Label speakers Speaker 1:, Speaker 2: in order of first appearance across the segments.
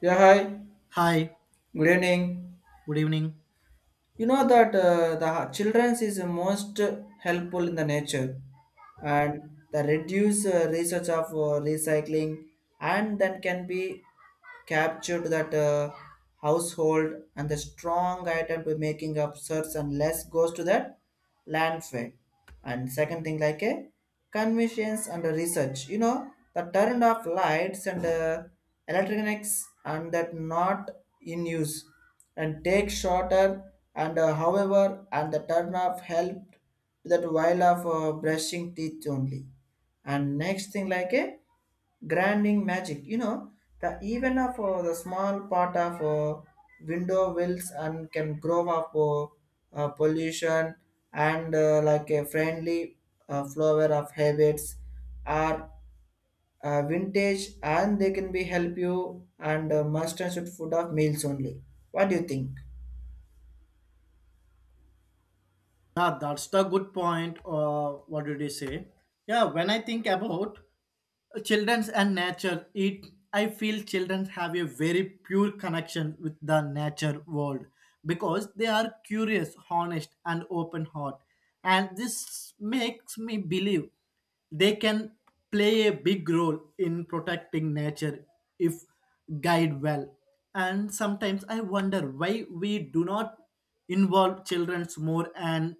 Speaker 1: Yeah, hi.
Speaker 2: Hi,
Speaker 1: Good evening.
Speaker 2: good evening.
Speaker 1: You know that the children's is most helpful in the nature, and the reduce research of recycling, and then can be captured that household and the strong item to making up search and less goes to that landfill. And second thing like a convenience and a research, you know, the turn off lights and electronics and that not in use and take shorter and however and the turn off helped that while of brushing teeth only. And next thing like a grinding magic, you know, the even of the small part of window wills and can grow up pollution and like a friendly flower of habits are vintage and they can be help you and must and should food of meals only. What do you think?
Speaker 2: Yeah, that's the good point. What did you say? Yeah, when I think about children's and nature it I feel children have a very pure connection with the nature world, because they are curious, honest and open heart, and this makes me believe they can play a big role in protecting nature if guide well. And sometimes I wonder why we do not involve children more and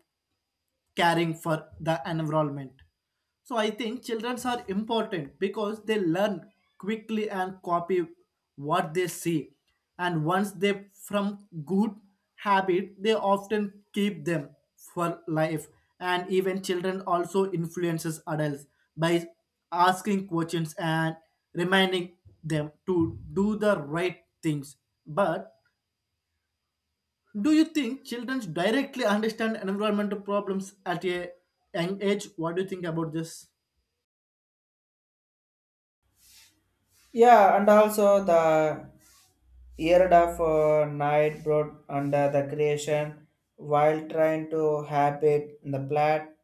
Speaker 2: caring for the environment. So I think children are important because they learn quickly and copy what they see. And once they from good habit, they often keep them for life. And even children also influences adults by asking questions and reminding them to do the right things. But do you think children directly understand environmental problems at a young age? What do you think about this?
Speaker 1: Yeah, and also the Year of night brought under the creation while trying to habit the plat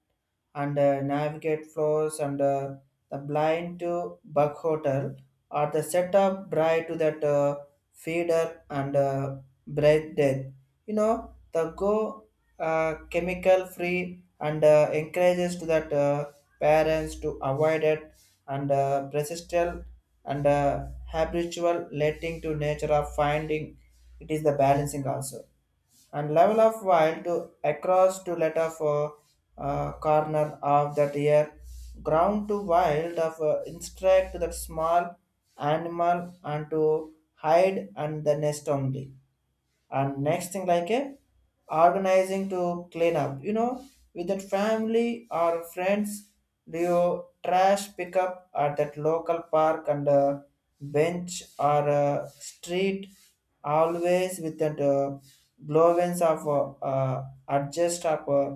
Speaker 1: and navigate floors and the blind to bug hotel or the setup bright to that feeder and bread death. You know, the go chemical free and encourages to that parents to avoid it and persistent and habitual letting to nature of finding it is the balancing also and level of while to across to let of corner of that ear ground to wild of instruct that small animal and to hide and the nest only. And next thing like a organizing to clean up, you know, with that family or friends do you trash pickup at that local park and bench or street always with that glowance of adjust of uh,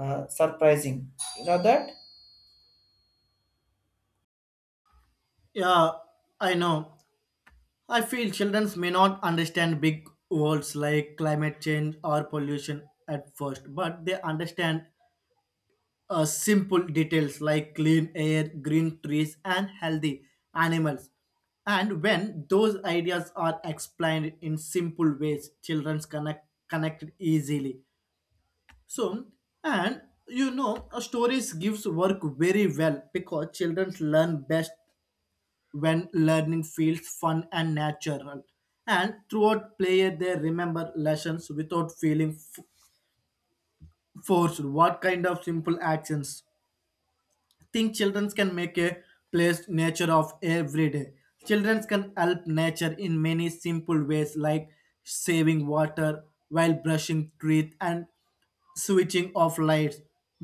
Speaker 1: uh, surprising, you know that.
Speaker 2: Yeah, I know. I feel children may not understand big words like climate change or pollution at first, but they understand simple details like clean air, green trees, and healthy animals. And when those ideas are explained in simple ways, children connected easily. So, and you know, stories gives work very well because children learn best when learning feels fun and natural. And throughout play, they remember lessons without feeling forced. What kind of simple actions? Think children can make a place nature of every day. Children can help nature in many simple ways like saving water while brushing teeth and switching off lights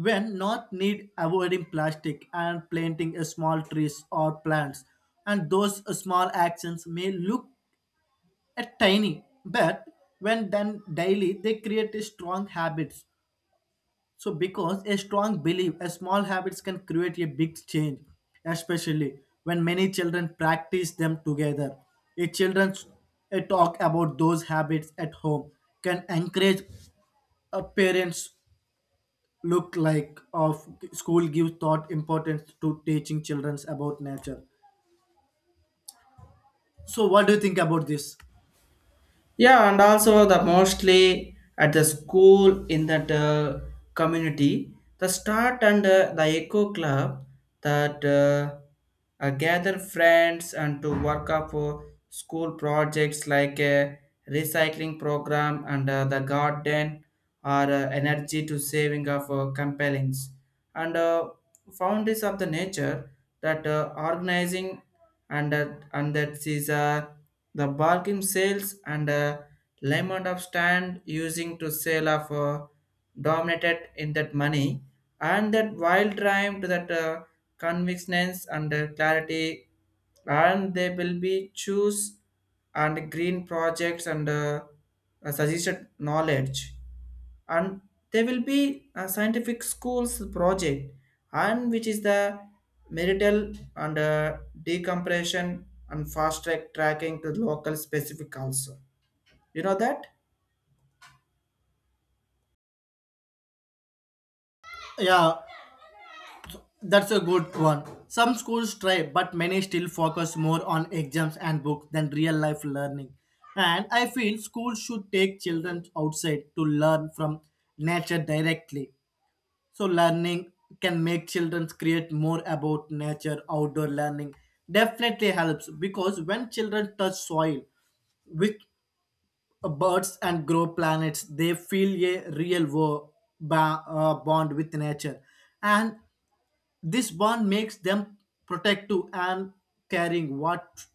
Speaker 2: when not need, avoiding plastic and planting a small trees or plants. And those small actions may look a tiny, but when done daily they create a strong habits. So, because a strong belief, a small habits can create a big change, especially when many children practice them together. A children's a talk about those habits at home can encourage a parents look like of school give thought importance to teaching children about nature. So, what do you think about this?
Speaker 1: Yeah, and also the mostly at the school in that community, the start and the echo club that gather friends and to work up for school projects like a recycling program and the garden or energy to saving of compellings and founders of the nature that organizing and that is the bargain sales and lemon of stand using to sale of dominated in that money and that wild drive to that convictions and clarity and they will be choose and green projects and suggested knowledge. And there will be a scientific schools project and which is the marital and decompression and fast tracking to local specific also, you know that.
Speaker 2: Yeah, that's a good one. Some schools try, but many still focus more on exams and books than real life learning. And I feel schools should take children outside to learn from nature directly. So, learning can make children create more about nature. Outdoor learning definitely helps because when children touch soil with birds and grow planets, they feel a real bond with nature. And this bond makes them protective and caring. What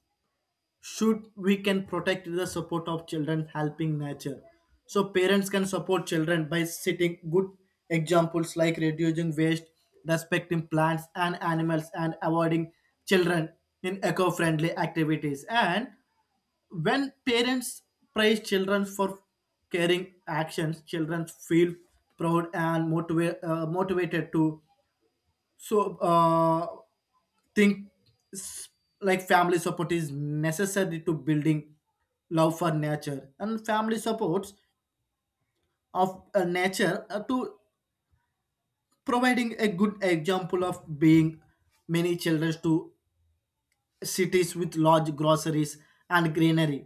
Speaker 2: should we can protect the support of children, helping nature. So parents can support children by setting good examples like reducing waste, respecting plants and animals, and avoiding children in eco-friendly activities. And when parents praise children for caring actions, children feel proud and motivated to so, think s- like family support is necessary to building love for nature. And family supports of nature to providing a good example of being many children to cities with large groceries and greenery,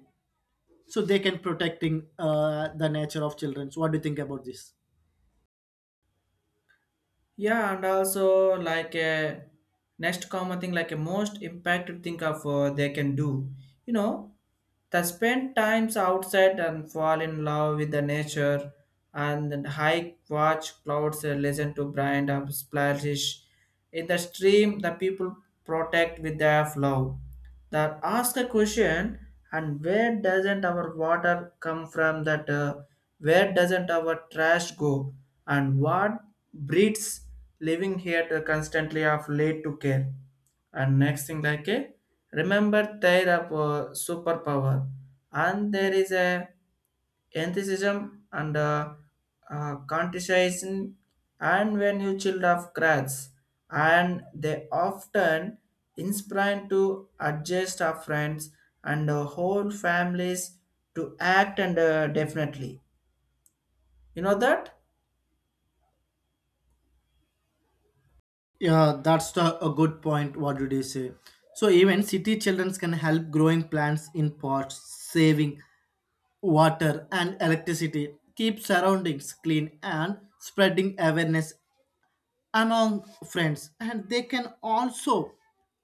Speaker 2: so they can protecting the nature of children. So what do you think about this?
Speaker 1: Yeah, and also like a next common thing like a most impacted thing of they can do. You know, the spend times outside and fall in love with the nature, and then hike, watch clouds, listen to brand of splashes in the stream. The people protect with their love that ask a question, and where doesn't our water come from that where doesn't our trash go and what breeds living here to constantly of late to care. And next thing like a remember their superpower and there is a enthusiasm and conscientiousness and when you child of cracks and they often inspire to adjust our friends and whole families to act and definitely, you know that.
Speaker 2: Yeah, that's a good point. What did you say? So even city children can help growing plants in pots, saving water and electricity, keep surroundings clean and spreading awareness among friends. And they can also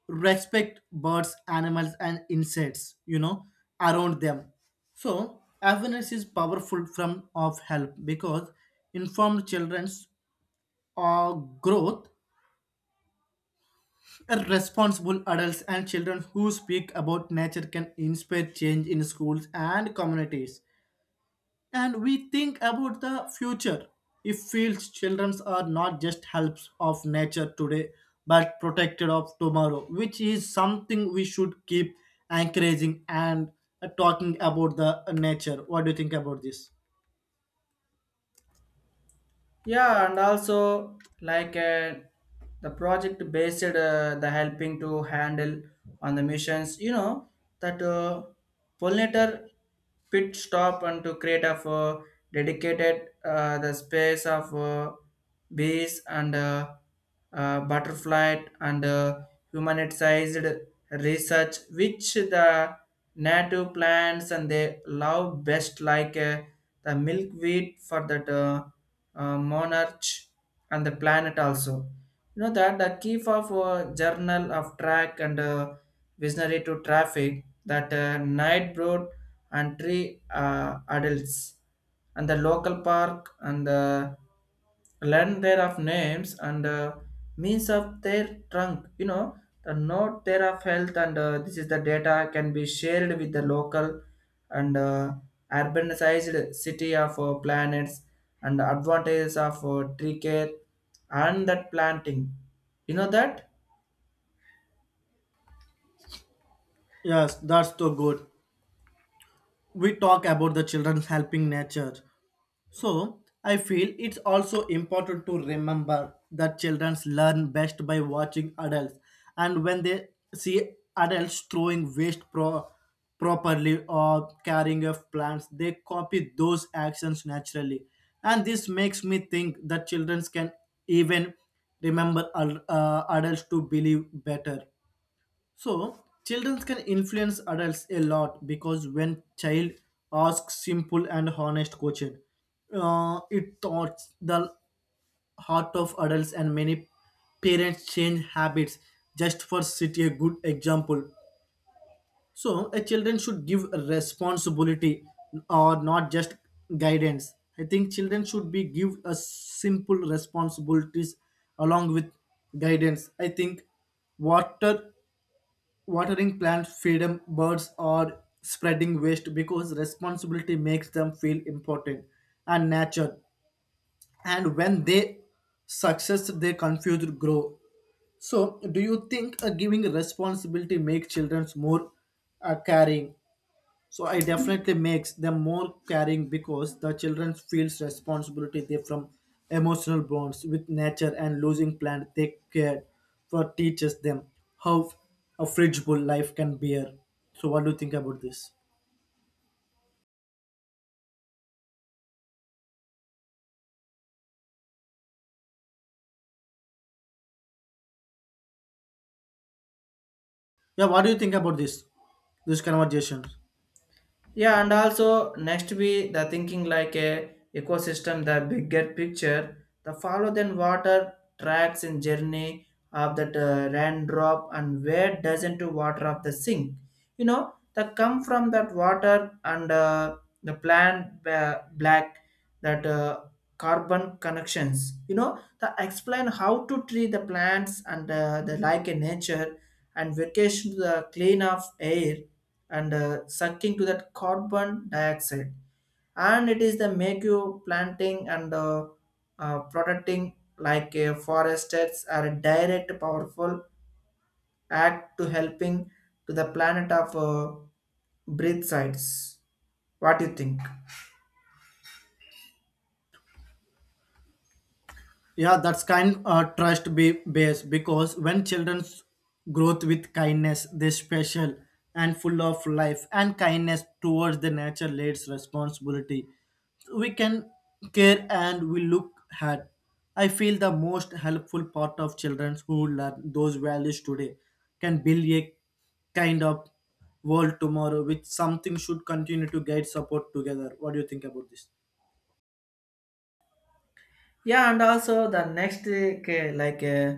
Speaker 2: respect birds, animals and insects, you know, around them. So awareness is powerful form of help because informed children's growth responsible adults, and children who speak about nature can inspire change in schools and communities. And we think about the future. It feels children are not just helps of nature today, but protected of tomorrow, which is something we should keep encouraging and talking about the nature. What do you think about this?
Speaker 1: Yeah, and also like the project based the helping to handle on the missions. You know that pollinator pit stop and to create a dedicated the space of bees and butterfly and human-sized research, which the native plants and they love best, like the milkweed for that. Monarch and the planet also, you know that the key of journal of track and visionary to traffic that night broad and three adults and the local park and learn their of names and means of their trunk, you know, the note there of health and this is the data can be shared with the local and urbanized city of planets and advantages of tree care and that planting, you know that.
Speaker 2: Yes, that's so good. We talk about the children helping nature. So, I feel it's also important to remember that children learn best by watching adults, and when they see adults throwing waste properly or carrying off plants, they copy those actions naturally. And this makes me think that children can even remember adults to believe better. So, children can influence adults a lot because when child asks simple and honest question, it thoughts the heart of adults, and many parents change habits just for city a good example. So, a children should give responsibility or not just guidance. I think children should be give a simple responsibilities along with guidance. I think water watering plants, feed birds, or spreading waste because responsibility makes them feel important and natural. And when they success, they confused grow. So, do you think giving responsibility make children more caring. So I definitely makes them more caring because the children feels responsibility they from emotional bonds with nature, and losing plant they care for teaches them how a fragile life can bear. So what do you think about this? Yeah, what do you think about this? This conversation.
Speaker 1: Yeah, and also next be the thinking like a ecosystem, the bigger picture, the follow then water tracks in journey of that raindrop and where doesn't to water of the sink. You know, that come from that water and the black that carbon connections. You know, the explain how to treat the plants and the like in nature and vacation to the clean of air and sucking to that carbon dioxide and it is the make you planting and protecting like a forests are a direct powerful act to helping to the planet of breath sites. What do you think?
Speaker 2: Yeah, that's kind trust be based because when children's growth with kindness, they special and full of life, and kindness towards the nature leads responsibility. We can care and we look at. I feel the most helpful part of children who learn those values today can build a kind of world tomorrow, which something should continue to guide support together. What do you think about this?
Speaker 1: Yeah, and also the next like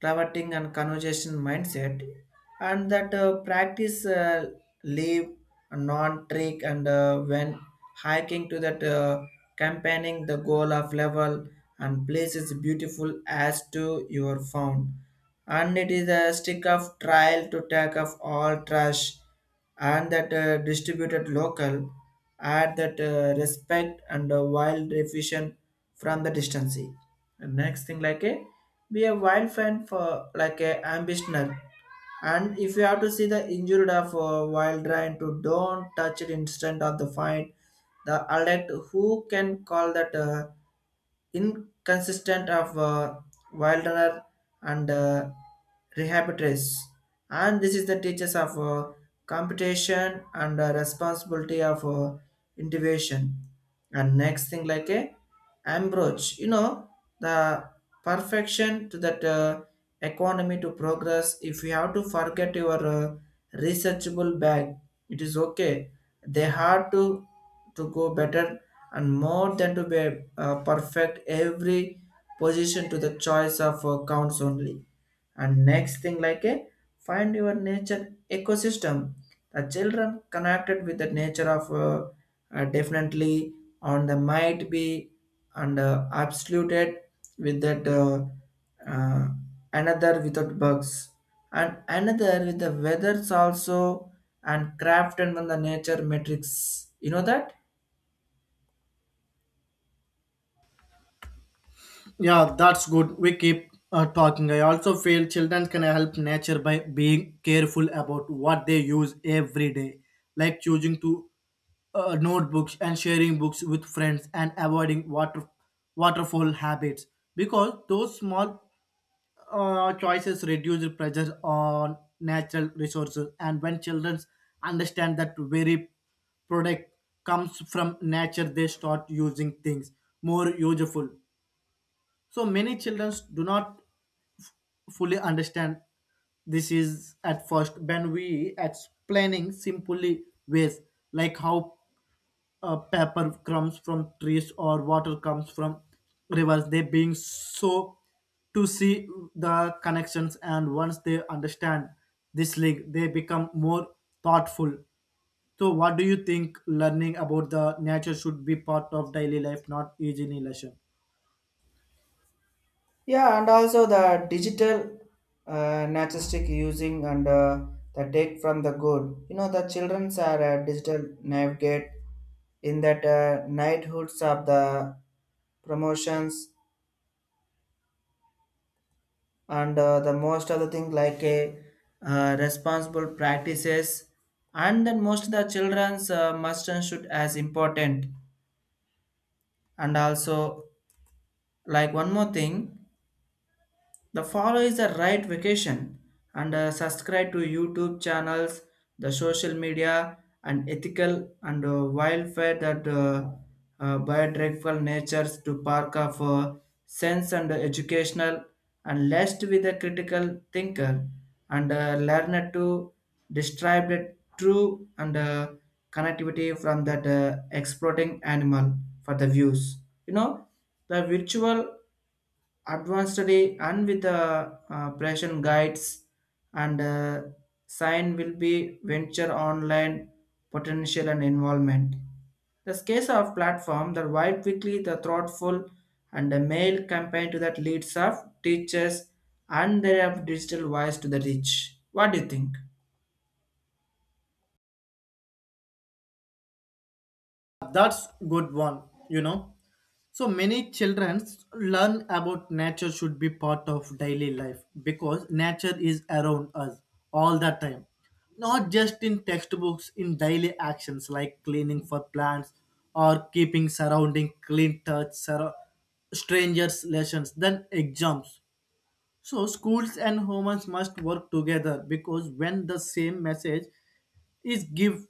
Speaker 1: traverting and conversation mindset and that practice leave non-trick and when hiking to that campaigning the goal of level and place is beautiful as to your found and it is a stick of trial to take off all trash and that distributed local add that respect and wild efficient from the distance. And next thing like a be a wild fan for like a ambitioner. And if you have to see the injured of a wild lion to don't touch it instant of the find the alert who can call that inconsistent of wild runner and rehabilitators. And this is the teachers of computation and responsibility of innovation. And next thing like a Ambrose, you know, the perfection to that economy to progress. If you have to forget your researchable bag, it is okay. They have to go better and more than to be perfect every position to the choice of counts only. And next thing like a find your nature ecosystem. The children connected with the nature of definitely on the might be and absoluted with that uh, another without bugs and another with the weathers also and crafted on the nature matrix, you know that.
Speaker 2: Yeah, that's good. We keep talking. I also feel children can help nature by being careful about what they use every day, like choosing to notebooks and sharing books with friends and avoiding water waterfall habits because those small choices reduce the pressure on natural resources. And when children understand that very product comes from nature, they start using things more useful. So many children do not fully understand this is at first, when we explaining simply ways like how paper comes from trees or water comes from rivers. They being so to see the connections, and once they understand this link, they become more thoughtful. So what do you think learning about the nature should be part of daily life, not easy lesson?
Speaker 1: Yeah, and also the digital naturalistic using and the take from the good, you know, the childrens are digital navigate in that knighthoods of the promotions and the most of the thing like a responsible practices and then most of the children's must and should as important. And also like one more thing. The follow is the right vacation and subscribe to YouTube channels, the social media, and ethical and wildfire that biodegradable natures to park of sense and educational and lest with a critical thinker and learner to describe the true and connectivity from that exploiting animal for the views. You know, the virtual advanced study and with the operation guides and sign will be venture online potential and involvement. The scale of platform that wide quickly the thoughtful and the mail campaign to that leads of teachers and their digital voice to the rich. What do you think?
Speaker 2: That's good one, you know. So many children learn about nature should be part of daily life because nature is around us all the time. Not just in textbooks, in daily actions like cleaning for plants or keeping surrounding clean touch, surround strangers lessons, then exams. So schools and homes must work together because when the same message is give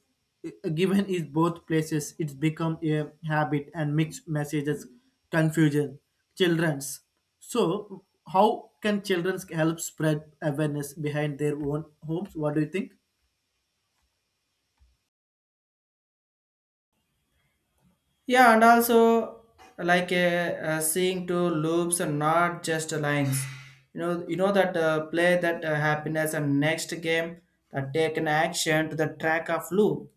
Speaker 2: given in both places, it's become a habit, and mixed messages confusion children's. So how can children help spread awareness behind their own homes? What do you think?
Speaker 1: Yeah, and also like seeing two loops and not just lines. You know that play that happiness and next game that take an action to the track of loop.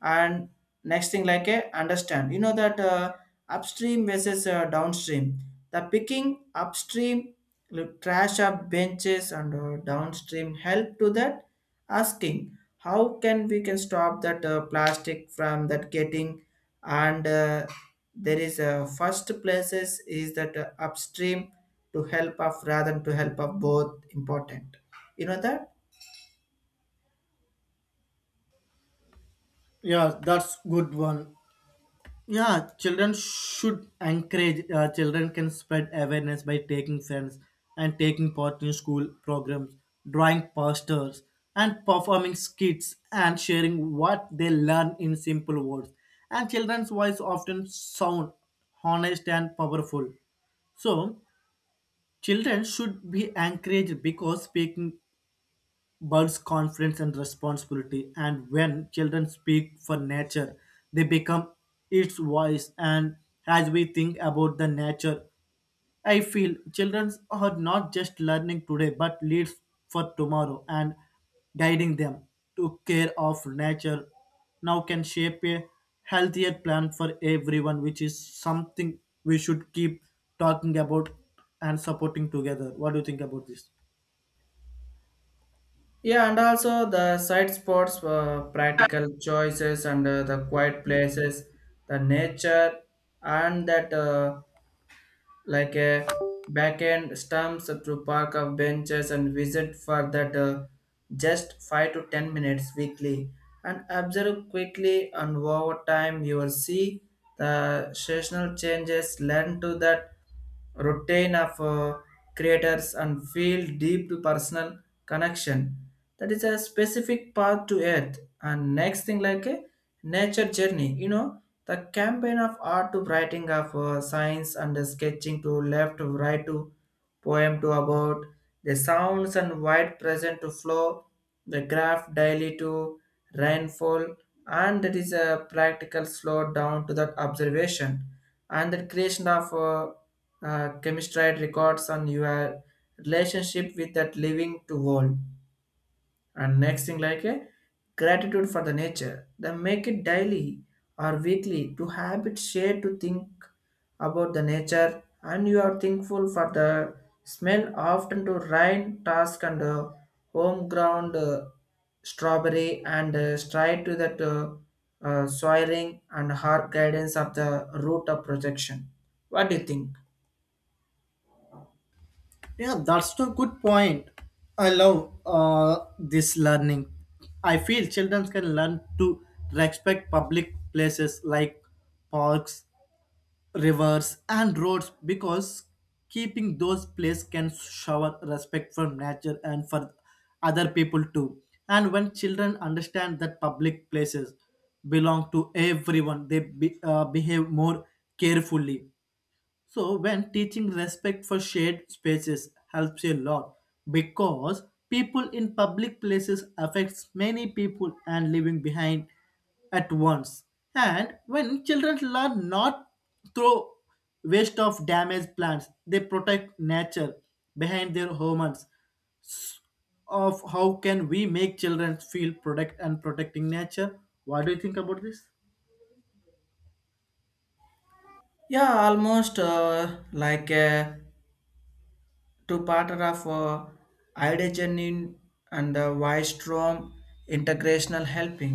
Speaker 1: And next thing like a understand, you know that upstream versus downstream the picking upstream look, trash up benches and downstream help to that asking how can we can stop that plastic from that getting and there is a first places is that upstream to help of rather than to help of both important, you know that.
Speaker 2: Yeah, that's good one. Yeah, children should encourage. Children can spread awareness by taking friends and taking part in school programs, drawing posters, and performing skits and sharing what they learn in simple words. And children's voice often sound honest and powerful. So, children should be encouraged because speaking builds confidence and responsibility. And when children speak for nature, they become its voice. And as we think about the nature, I feel children are not just learning today but leads for tomorrow, and guiding them to care of nature now can shape a healthier plan for everyone, which is something we should keep talking about and supporting together. What do you think about this?
Speaker 1: Yeah, and also the side spots were practical choices and the quiet places, the nature, and that like a back end stumps to park of benches and visit for that just 5 to 10 minutes weekly and observe quickly, and over time you will see the seasonal changes learn to that routine of creators and feel deep to personal connection. That is a specific path to earth. And next thing like a nature journey, you know, the campaign of art to writing of science and the sketching to left to right to poem to about the sounds and wide present to flow, the graph daily to rainfall, and that is a practical slow down to that observation and the creation of chemistry records on your relationship with that living to world. And next thing like a gratitude for the nature. Then make it daily or weekly to habit share to think about the nature and you are thankful for the smell often to rain task and home ground strawberry and stride to that soiling and hard guidance of the root of projection. What do you think?
Speaker 2: Yeah, that's a good point. I love this learning. I feel children can learn to respect public places like parks, rivers, and roads because keeping those places can shower respect for nature and for other people too. And when children understand that public places belong to everyone, they behave more carefully. So, when teaching respect for shared spaces helps a lot because people in public places affects many people and leaving behind at once. And when children learn not through waste of damaged plants, they protect nature behind their homes. Of how can we make children feel protect and protecting nature? What do you think about this?
Speaker 1: Yeah, almost like a to partner of IDGENIN and the Wystrom Integrational Helping.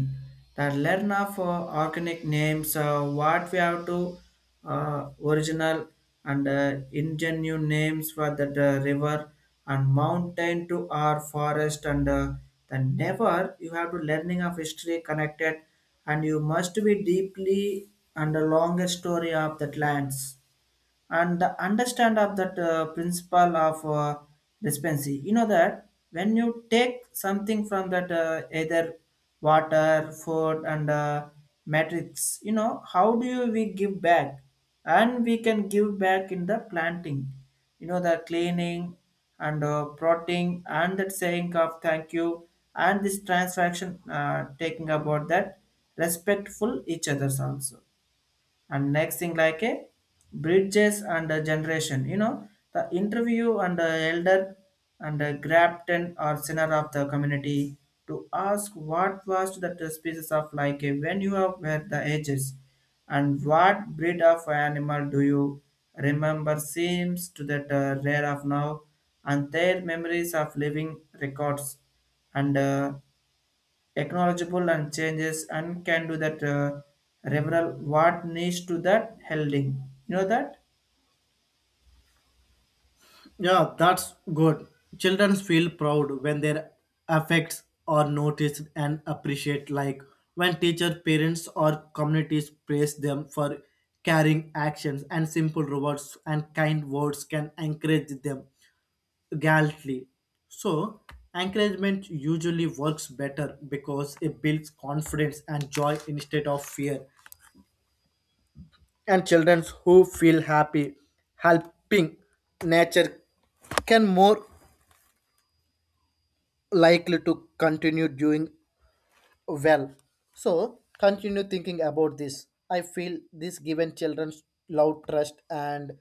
Speaker 1: The learn of organic names, what we have to original and ingenuous names for the river and mountain to our forest and the never you have to learning of history connected and you must be deeply and the longer story of that lands and the understand of that principle of dispensi, you know that when you take something from that either water food and matrix, you know how do you we give back and we can give back in the planting, you know the cleaning and protein and that saying of thank you and this transaction taking about that respectful each others also. And next thing like a bridges and a generation, you know, the interview and the elder and the grafton or sinner of the community to ask what was that species of like a when you are were the ages and what breed of animal do you remember seems to that rare of now and their memories of living records and technological and changes and can do that reveral what needs to that holding, you know that.
Speaker 2: Yeah, that's good. Children feel proud when their effects are noticed and appreciated, like when teacher, parents, or communities praise them for caring actions, and simple rewards and kind words can encourage them gallantly. So, encouragement usually works better because it builds confidence and joy instead of fear. And children who feel happy helping nature can more likely to continue doing well. So continue thinking about this. I feel this given children's love trust and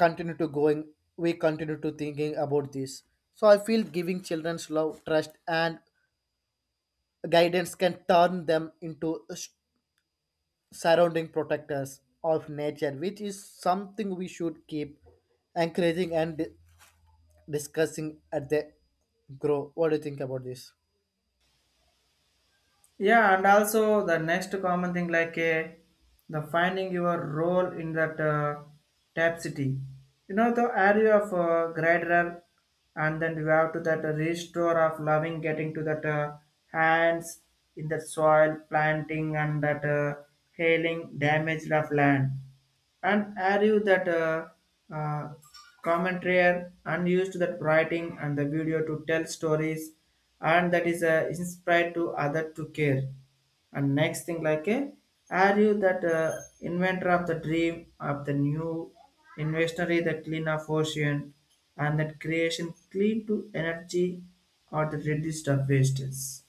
Speaker 2: continue to going, we continue to thinking about this. So I feel giving children's love trust and guidance can turn them into surrounding protectors of nature, which is something we should keep encouraging and discussing at the grow. What do you think about this?
Speaker 1: Yeah, and also the next common thing like the finding your role in that tap city, you know the area of gradual and then you have to that restore of loving getting to that hands in the soil planting and that hailing damaged of land. And are you that uh, commentary and used that writing and the video to tell stories and that is inspired to other to care. And next thing like a are you that inventor of the dream of the new inventory the clean of ocean and that creation clean to energy or the reduced of wastes.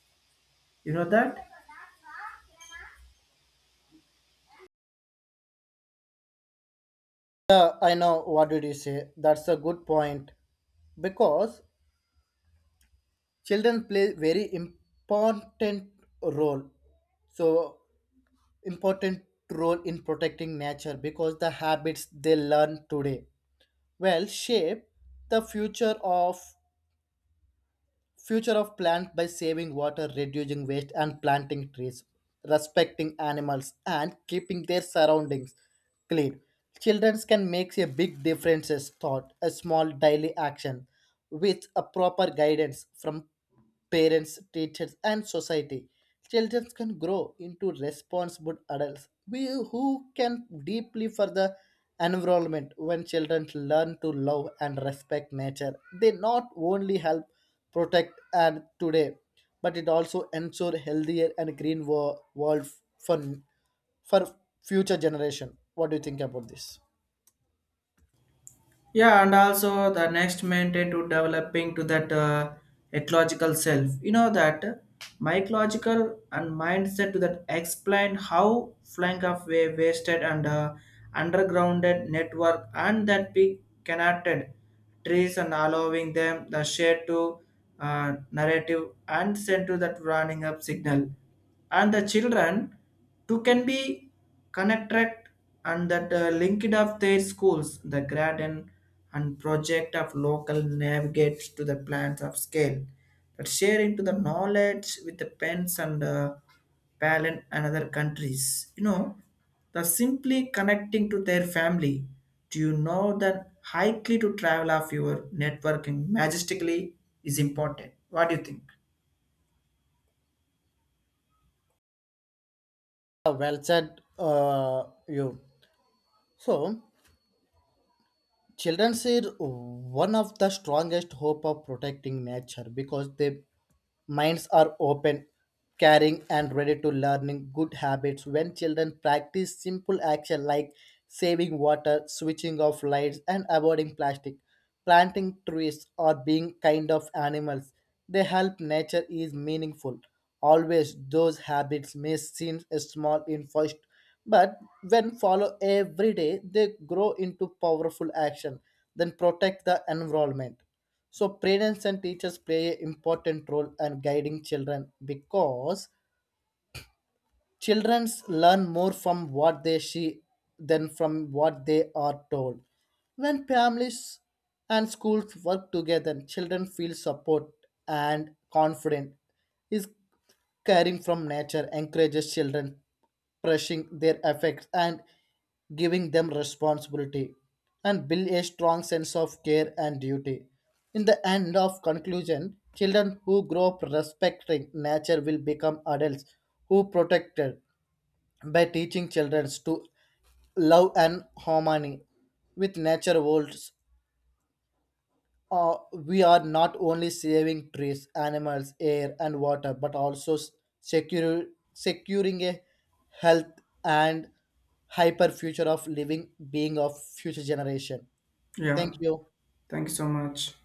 Speaker 1: You know that?
Speaker 2: Yeah, I know. What did you say? That's a good point. Because children play very important role. So important role in protecting nature because the habits they learn today will shape the future of plant by saving water, reducing waste and planting trees, respecting animals and keeping their surroundings clean. Children can make a big difference as thought, a small daily action with a proper guidance from parents, teachers and society. Children can grow into responsible adults who can deeply for the environment. When children learn to love and respect nature, they not only help protect and today, but it also ensure healthier and green world for for future generation. What do you think about this?
Speaker 1: Yeah, and also the next maintain to developing to that ecological self, you know that mycological and mindset to that explain how flank of way wasted and undergrounded network and that be connected trees and allowing them the shade to narrative and send to that running up signal and the children too can be connected and that linked of their schools, the garden and project of local navigates to the plans of scale that share into the knowledge with the pens and parent and other countries. You know, the simply connecting to their family. Do you know that highly to travel of your networking majestically is important? What do you think?
Speaker 2: Well said. Uh, you So children are one of the strongest hope of protecting nature because they minds are open, caring, and ready to learning good habits. When children practice simple action like saving water, switching off lights, and avoiding plastic, planting trees, or being kind of animals, they help nature is meaningful. Always those habits may seem small in first, but when follow every day, they grow into powerful action. Then protect the environment. So parents and teachers play an important role in guiding children because children learn more from what they see than from what they are told. When families and schools work together, children feel support and confident. Is caring from nature encourages children brushing their effects and giving them responsibility, and build a strong sense of care and duty. In the end of conclusion, children who grow up respecting nature will become adults who protect it. By teaching children to love and harmony with nature worlds, we are not only saving trees, animals, air, and water, but also secure, securing a health and hyper future of living being of future generation.
Speaker 1: Yeah,
Speaker 2: Thank you.
Speaker 1: thank you so much.